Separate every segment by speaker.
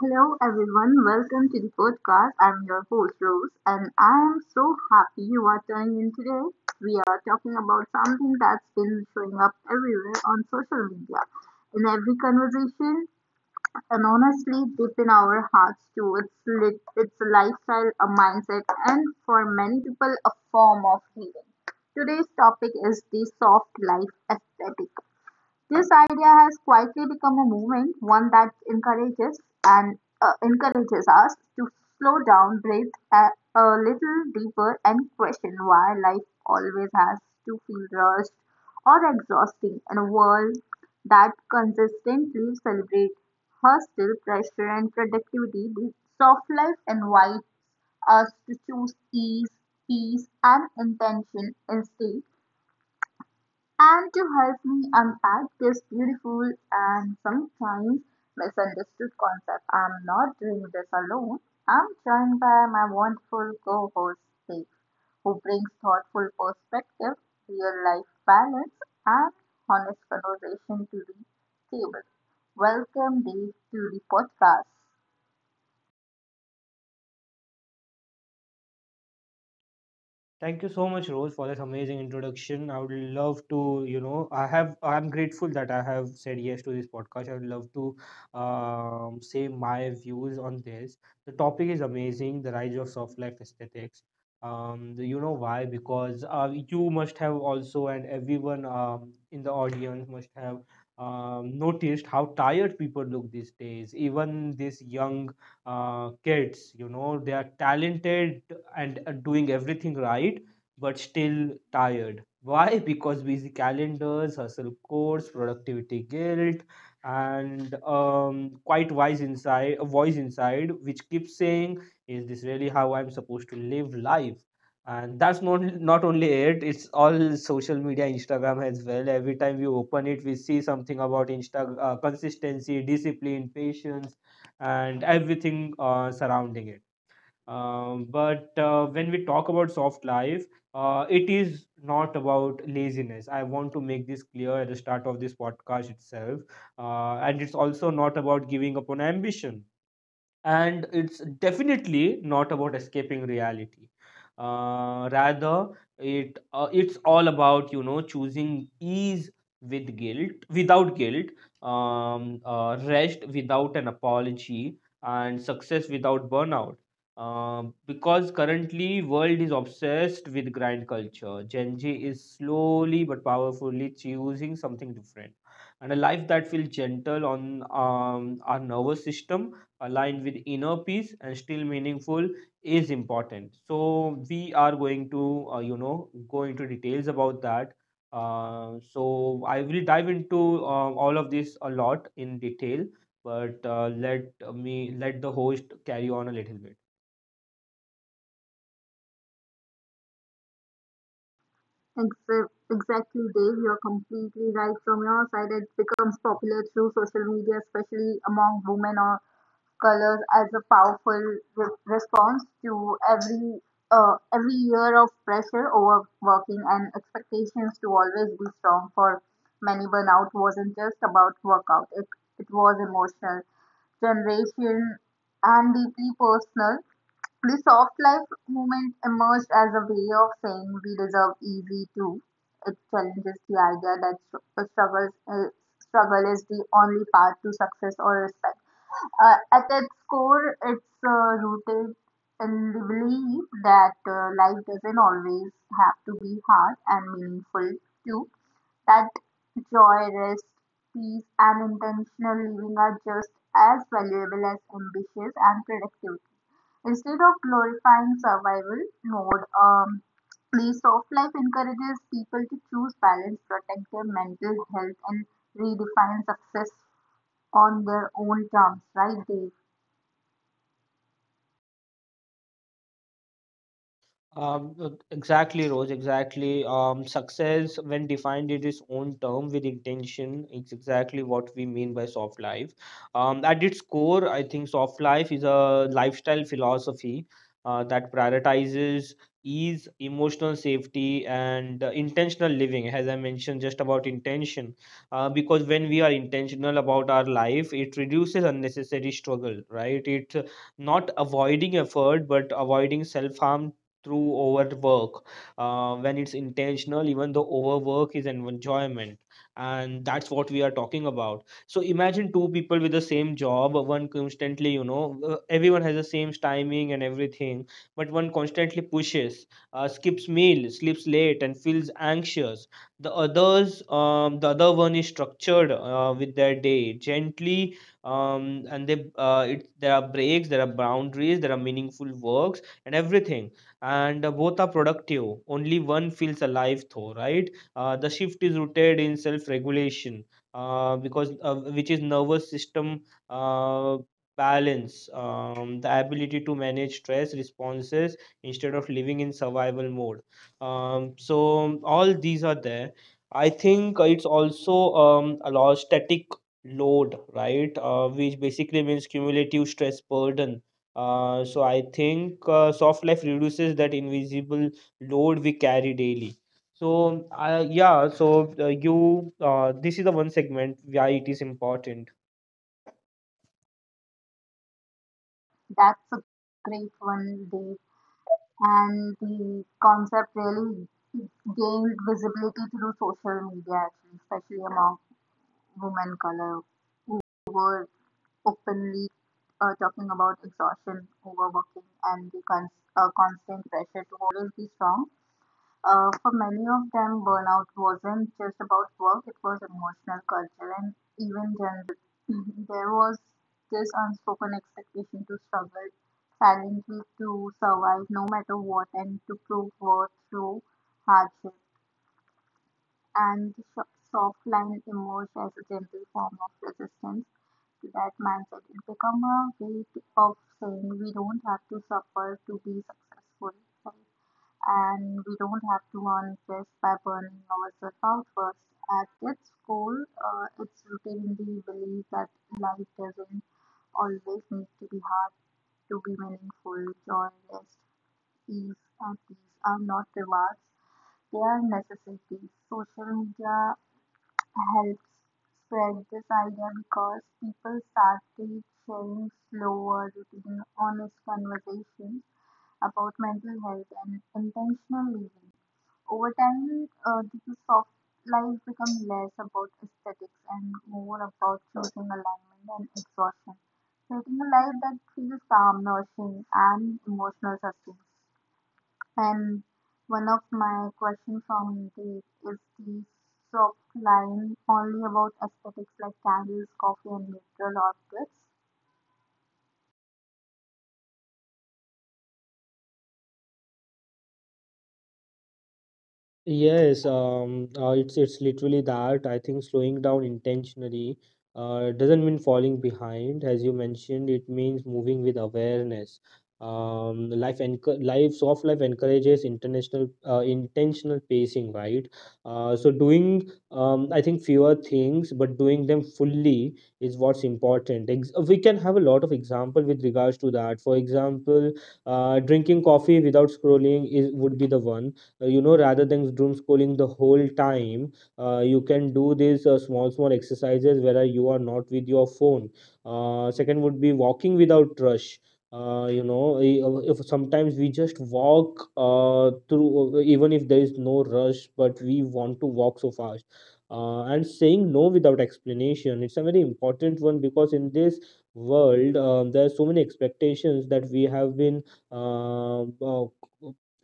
Speaker 1: Hello, everyone. Welcome to the podcast. I'm your host, Rose, and I am so happy you are tuning in today. We are talking about something that's been showing up everywhere on social media, in every conversation, and honestly, deep in our hearts too. It's lit, it's a lifestyle, a mindset, and for many people, a form of healing. Today's topic is the soft life aesthetic. This idea has quietly become a movement, one that encourages and encourages us to slow down, breathe a little deeper, and question why life always has to feel rushed or exhausting in a world that consistently celebrates hustle, pressure, and productivity. The soft life invites us to choose ease, peace, and intention instead, and to help me unpack this beautiful and sometimes misunderstood concept, I'm not doing this alone. I'm joined by my wonderful co host, Dave, who brings thoughtful perspective, real life balance, and honest conversation to the table. Welcome, Dave, to the podcast.
Speaker 2: Thank you so much, Rose, for this amazing introduction. I would love to, I'm grateful that I have said yes to this podcast. I would love to say my views on this. The topic is amazing, the rise of soft life aesthetics. Do you know why? Because you must have also, and everyone in the audience must have noticed how tired people look these days. Even this young kids, they are talented and doing everything right, but still tired. Why? Because busy calendars, hustle course, productivity guilt, and quite wise inside, a voice inside which keeps saying, is this really how I'm supposed to live life? And that's not only it it's all social media, Instagram as well. Every time we open it, we see something about insta, consistency, discipline, patience, and everything surrounding it. But when we talk about soft life, it is not about laziness. I want to make this clear at the start of this podcast itself. And it's also not about giving up on ambition, and it's definitely not about escaping reality. Uh, rather, it's all about, choosing ease with guilt, without guilt, rest without an apology, and success without burnout. Because currently world is obsessed with grind culture, Gen Z is slowly but powerfully choosing something different, and a life that feels gentle on um, our nervous system, aligned with inner peace and still meaningful, is important. So we are going to go into details about that. Uh, so I will dive into all of this a lot in detail, but let me let the host carry on a little bit.
Speaker 1: Exactly, Dave. You're completely right. From your side, it becomes popular through social media, especially among women or colors, as a powerful response to every year of pressure, overworking, and expectations to always be strong. For many, burnout wasn't just about workout; it was emotional, generation, and deeply personal. The soft life movement emerged as a way of saying we deserve easy too. It challenges the idea that struggle is the only path to success or respect. At its core, it's rooted in the belief that life doesn't always have to be hard and meaningful, too. That joy, rest, peace, and intentional living are just as valuable as ambitious and productivity. Instead of glorifying survival mode, the soft life encourages people to choose balance, protect their mental health, and redefine success on their own terms, right, Dave?
Speaker 2: Exactly, Rose. Exactly. Success, when defined in its own term with intention, is exactly what we mean by soft life. At its core, I think soft life is a lifestyle philosophy that prioritizes ease, emotional safety, and intentional living. As I mentioned, just about intention, because when we are intentional about our life, it reduces unnecessary struggle, right? It not avoiding effort, but avoiding self harm through overwork. When it's intentional, even though overwork is an enjoyment. And that's what we are talking about. So imagine two people with the same job, one constantly, everyone has the same timing and everything, but one constantly pushes, skips meal, sleeps late, and feels anxious. The others, the other one is structured with their day, gently, and there are breaks, there are boundaries, there are meaningful works, and everything, and both are productive, only one feels alive though, right? The shift is rooted in self regulation, because which is nervous system uh, balance, the ability to manage stress responses instead of living in survival mode. Um, so all these are there. I think it's also a lot static load, right? Which basically means cumulative stress burden. So I think soft life reduces that invisible load we carry daily. So yeah, so you this is the one segment why it is important.
Speaker 1: That's a great one, Dave. And the concept really gained visibility through social media, actually, especially among women color who were openly talking about exhaustion, overworking, and the constant pressure to always be strong. For many of them, burnout wasn't just about work, it was emotional, culture, and even general. There was this unspoken expectation to struggle silently to survive no matter what and to prove worth through hardship. And the soft line emerged as a gentle form of resistance to that mindset. It became a way of saying we don't have to suffer to be successful, right? And we don't have to earn this by burning ourselves out first. At its core, it's rooted in the belief that life doesn't always need to be hard to be meaningful. Joy, rest, peace, and peace are not rewards, they are necessities. Social media helps spread this idea because people started sharing slower, routine, honest conversations about mental health and intentional living. Over time, the soft life become less about aesthetics and more about choosing alignment and exhaustion, creating a life that feels calm, nourishing, and emotional sustenance. And one of my questions from the is the soft line only about aesthetics like candles, coffee, and neutral objects?
Speaker 2: Yes, it's literally that. I think slowing down intentionally doesn't mean falling behind, as you mentioned. It means moving with awareness. Life soft life encourages international intentional pacing, right? So doing I think fewer things, but doing them fully is what's important. Ex we can have a lot of example with regards to that. For example, drinking coffee without scrolling is would be the one, rather than doom scrolling the whole time. You can do these small small exercises where you are not with your phone. Second would be walking without rush. If sometimes we just walk through, even if there is no rush but we want to walk so fast. And saying no without explanation, it's a very important one, because in this world there are so many expectations that we have been um, uh,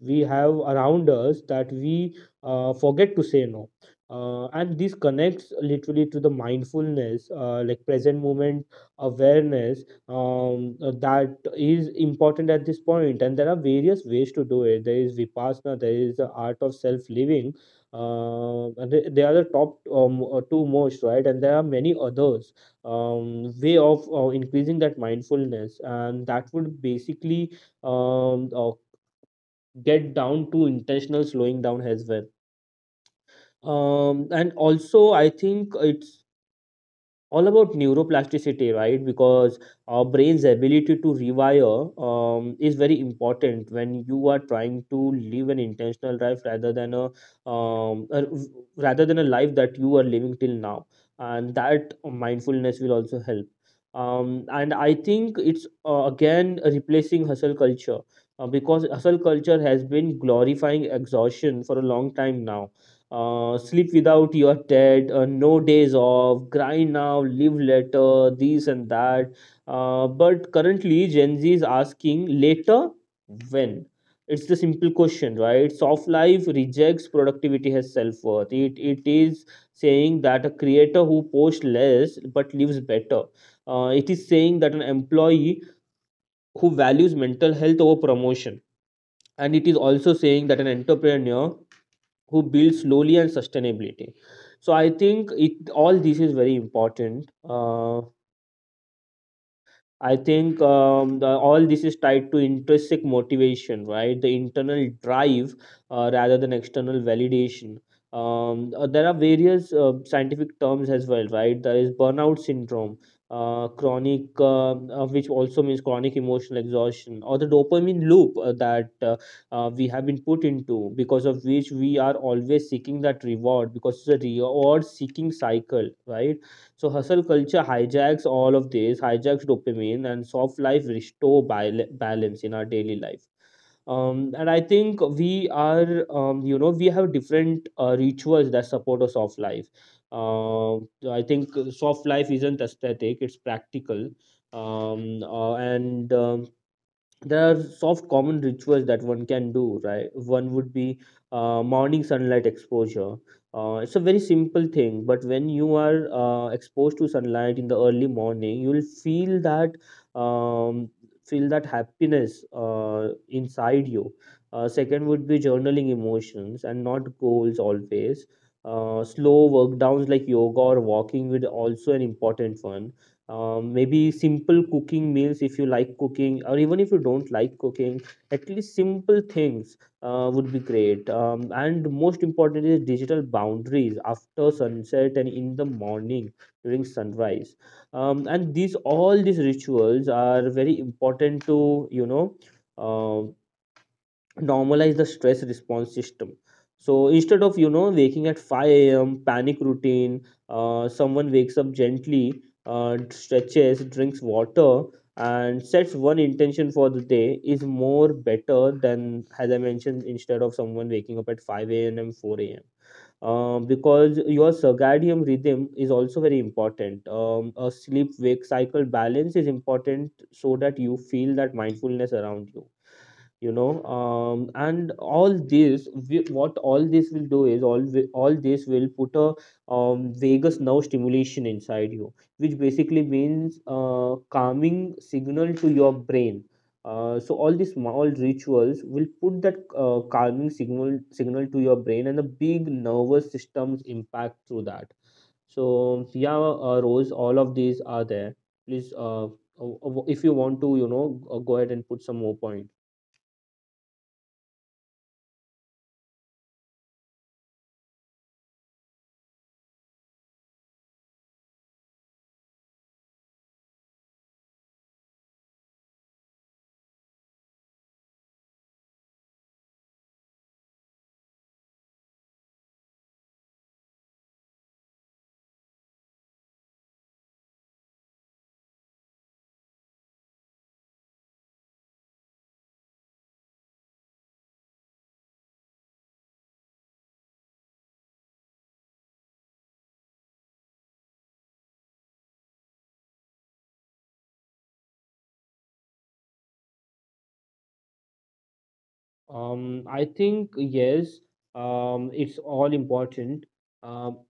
Speaker 2: we have around us that we forget to say no. And this connects literally to the mindfulness, like present moment awareness, that is important at this point. And there are various ways to do it. There is Vipassana, there is the art of self living, and they are the top two most right, and there are many others way of increasing that mindfulness, and that would basically um, uh, get down to intentional slowing down as well. And also I think it's all about neuroplasticity, right? Because our brain's ability to rewire is very important when you are trying to live an intentional life rather than a, um, a- rather than a life that you are living till now. And that mindfulness will also help. And I think it's again replacing hustle culture, because hustle culture has been glorifying exhaustion for a long time now. Sleep without your dead, no days off, grind now, live later, this and that. But currently, Gen Z is asking later when? It's the simple question, right? Soft life rejects productivity as self worth. It is saying that a creator who posts less but lives better. It is saying that an employee who values mental health over promotion. And it is also saying that an entrepreneur who builds slowly and sustainability. So I think it all this is very important. I think all this is tied to intrinsic motivation, right? The internal drive rather than external validation. There are various scientific terms as well, right? There is burnout syndrome, chronic, which also means chronic emotional exhaustion, or the dopamine loop that we have been put into, because of which we are always seeking that reward, because it's a reward seeking cycle, right? So hustle culture hijacks all of this, hijacks dopamine, and soft life restore balance in our daily life. And I think we are, we have different rituals that support a soft life. So, I think soft life isn't aesthetic; it's practical. And there are soft common rituals that one can do, right? One would be morning sunlight exposure. It's a very simple thing, but when you are exposed to sunlight in the early morning, you'll feel that, um, feel that happiness inside you. Second would be journaling emotions and not goals always. Slow work downs like yoga or walking would also an important one. Maybe simple cooking meals if you like cooking, or even if you don't like cooking at least simple things would be great. And most important is digital boundaries after sunset and in the morning during sunrise. And these all these rituals are very important to, uh, normalize the stress response system. So instead of, waking at 5 a.m. panic routine, someone wakes up gently, stretches, drinks water, and sets one intention for the day, is more better than, as I mentioned, instead of someone waking up at 5 a.m. 4 a.m. Because your circadian rhythm is also very important. A sleep wake cycle balance is important so that you feel that mindfulness around you, you know and all this what all this will do is all all this will put a, vagus nerve stimulation inside you, which basically means calming signal to your brain. So all these small rituals will put that calming signal to your brain, and the big nervous system's impact through that. So yeah, Rose, all of these are there. Please if you want to, go ahead and put some more point. I think yes, it's all important. Um,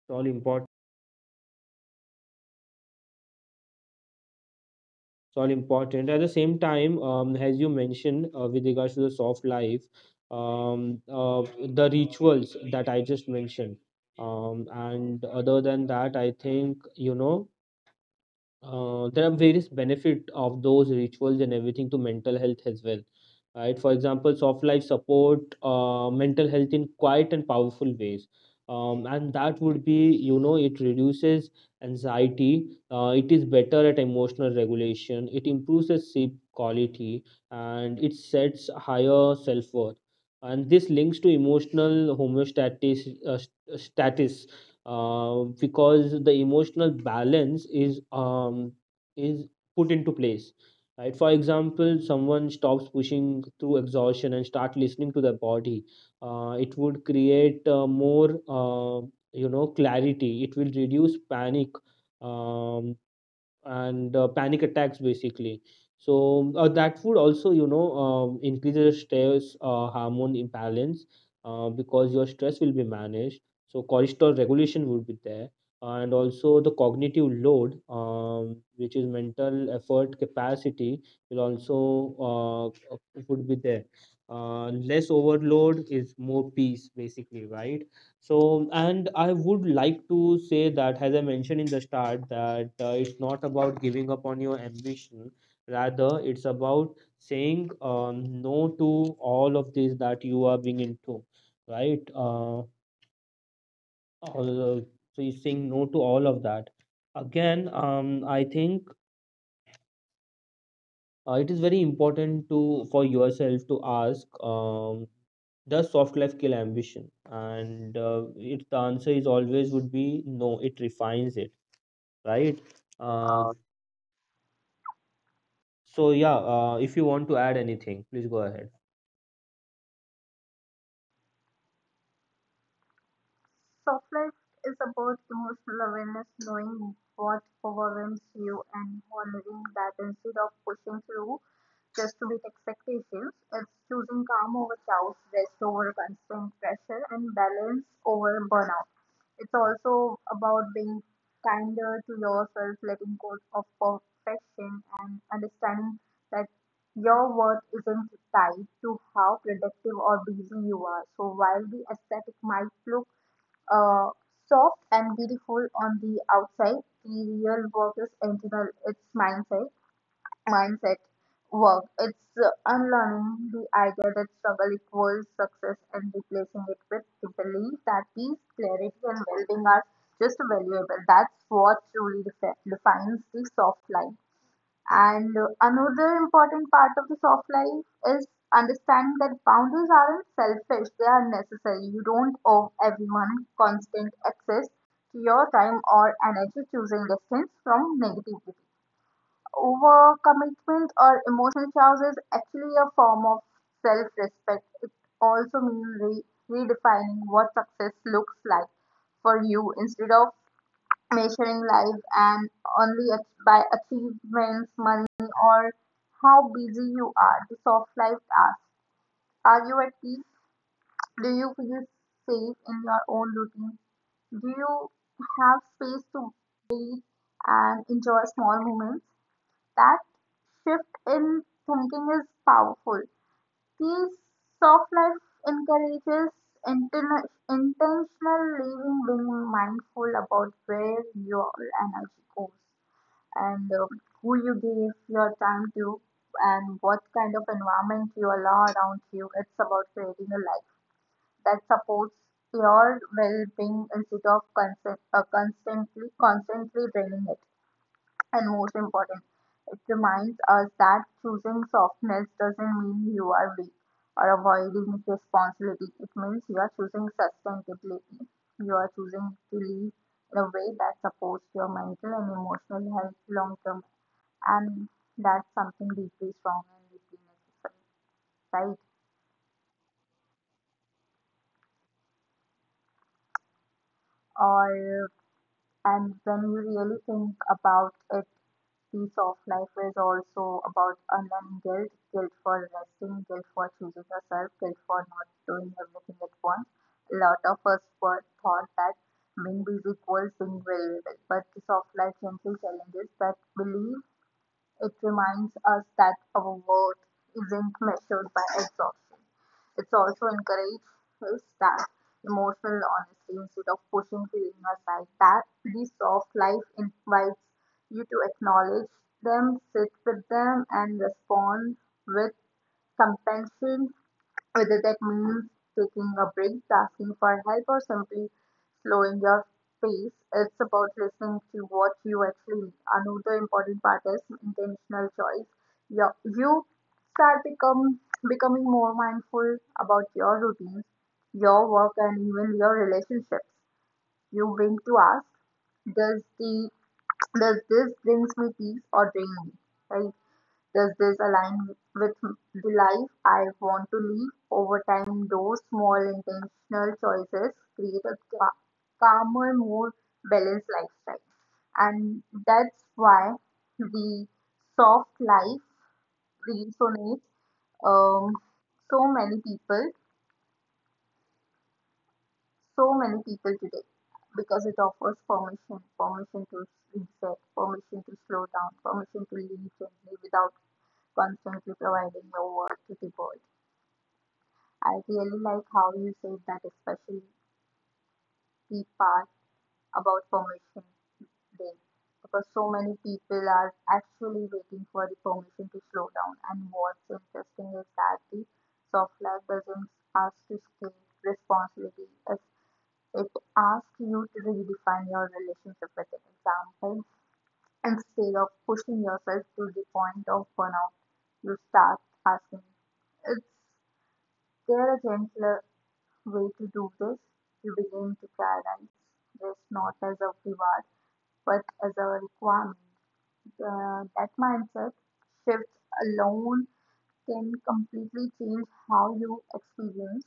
Speaker 2: it's all important. It's all important. At the same time, as you mentioned, with regards to the soft life, um, uh, the rituals that I just mentioned. And other than that, I think, there are various benefit of those rituals and everything to mental health as well, right? For example, soft life support mental health in quiet and powerful ways. And that would be, it reduces anxiety. It is better at emotional regulation, it improves the sleep quality, and it sets higher self-worth. And this links to emotional homeostasis status, because the emotional balance is put into place, right? For example, someone stops pushing through exhaustion and start listening to their body. It would create more uh, you know clarity, it will reduce panic, um, and panic attacks basically. So that food also, increases stress hormone imbalance, because your stress will be managed, so cortisol regulation would be there. And also the cognitive load, which is mental effort capacity, will also would be there. Uh, less overload is more peace basically, right? So, and I would like to say that, as I mentioned in the start, that it's not about giving up on your ambition. Rather, it's about saying no to all of this that you are being into, right? So, you're saying no to all of that. Again, I think it is very important to for yourself to ask, does soft life kill ambition? And it the answer is always would be no. It refines it, right? uh,
Speaker 1: Uh,
Speaker 2: so yeah, if you want to add anything, please go ahead.
Speaker 1: soft life is about emotional awareness, knowing what overwhelms you and honoring that instead of pushing through just to meet expectations. It's choosing calm over chaos, rest over constant pressure, and balance over burnout. It's also about being kinder to yourself, letting go of perfection, and understanding that your worth isn't tied to how productive or busy you are. So while the aesthetic might look uh, soft and beautiful on the outside, the real work is internal. It's mindset. Mindset work. It's unlearning the idea that struggle equals success and replacing it with the belief that peace, clarity, and well-being are just valuable. That's what truly defines the soft life. And another important part of the soft life is understanding that boundaries aren't selfish, they are necessary. You don't owe everyone constant access to your time or energy. Choosing distance from negativity, overcommitment, or emotional charge is actually a form of self respect. It also means redefining what success looks like for you instead of measuring life and only by achievements, money, or how busy you are. The soft life asks, are you at peace? Do you feel safe in your own routine? Do you have space to breathe and enjoy small moments? That shift in thinking is powerful. These soft life encourages intentional living, being mindful about where your energy goes and who you give your time to and what kind of environment you allow around you. It's about creating a life that supports your well-being instead of constantly draining it. And most important, it reminds us that choosing softness doesn't mean you are weak or avoiding responsibility. It means you are choosing sustainability. You are choosing to live in a way that supports your mental and emotional health long term, and that's something deeply strong and deeply necessary, right? Or and when you really think about it, piece of life is also about unlearning guilt, guilt for resting, guilt for choosing yourself, guilt for not doing everything at once. A lot of us were taught that being busy equals being available, but the soft life gently challenges that belief. It reminds us that our worth isn't measured by exhaustion. It also encourages us that emotional honesty instead of pushing feelings aside. That piece of life invites you to acknowledge them, sit with them, and respond with compassion. Whether that means taking a break, asking for help, or simply slowing your pace, it's about listening to what you actually need. Another important part is intentional choice. Your, you start become becoming more mindful about your routines, your work, and even your relationships. You begin to ask, does the does this brings me peace or drain me? Right? Does this align with the life I want to live? Over time, those small intentional choices create a calmer, more balanced lifestyle. And that's why the soft life resonates um, so many people, so many people today because it offers permission, permission to reset, permission to slow down, permission to live gently without constantly providing your worth to the world. I really like how you said that, especially the part about permission day, because so many people are actually waiting for the permission to slow down. And what's interesting is that the soft life doesn't ask to escape responsibility, as it asks you to redefine your relationship with it. Example, instead of pushing yourself to the point of burnout, you start asking, is there a gentler way to do this? You begin to prioritize this not as a reward but as a requirement. That mindset shift alone can completely change how you experience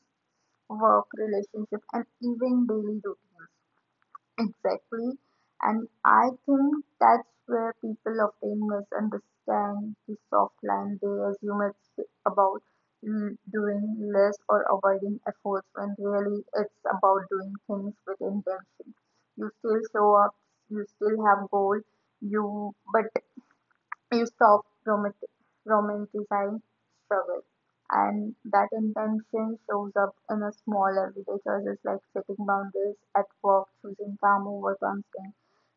Speaker 1: work, relationship, and even daily routines. Exactly. And I think that's where people often misunderstand the soft line. They assume it's about doing less or avoiding efforts when really it's about doing things with intention. You still show up, you still have goal, you but you stop romanticizing struggle. And that intention shows up in a small everyday choices like setting boundaries at work, choosing calm over constant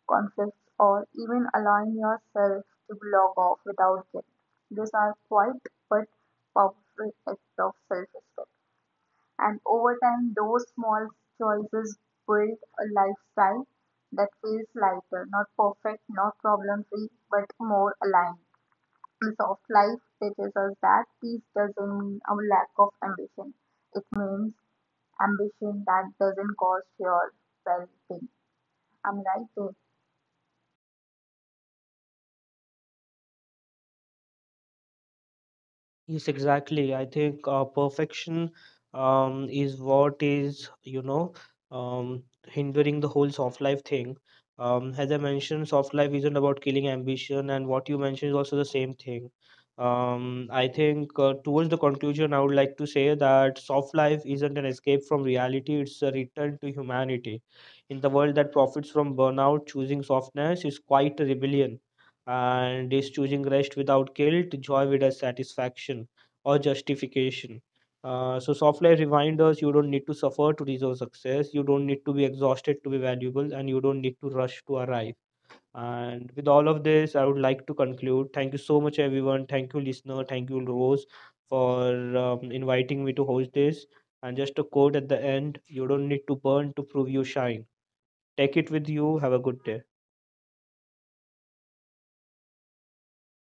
Speaker 1: conflicts, or even allowing yourself to log off without guilt. These are quiet but powerful acts of self-respect, and over time those small choices build a lifestyle that feels lighter, not perfect, not problem free, but more aligned. Piece of life teaches us that peace doesn't mean a lack of ambition. It means ambition that doesn't cause your well being. I'm right, Dev?
Speaker 2: Yes, exactly. I think perfection is what is, hindering the whole soft life thing. As I mentioned, soft life isn't about killing ambition, and what you mentioned is also the same thing. I think towards the conclusion, I would like to say that soft life isn't an escape from reality, it's a return to humanity. In the world that profits from burnout, choosing softness is quite a rebellion, and is choosing rest without guilt, joy without satisfaction or justification. So, soft life reminds us, you don't need to suffer to deserve success, you don't need to be exhausted to be valuable, and you don't need to rush to arrive. And with all of this, I would like to conclude. Thank you so much, everyone. Thank you, listener. Thank you, Rose, for inviting me to host this. And just a quote at the end, you don't need to burn to prove you shine. Take it with you. Have a good day.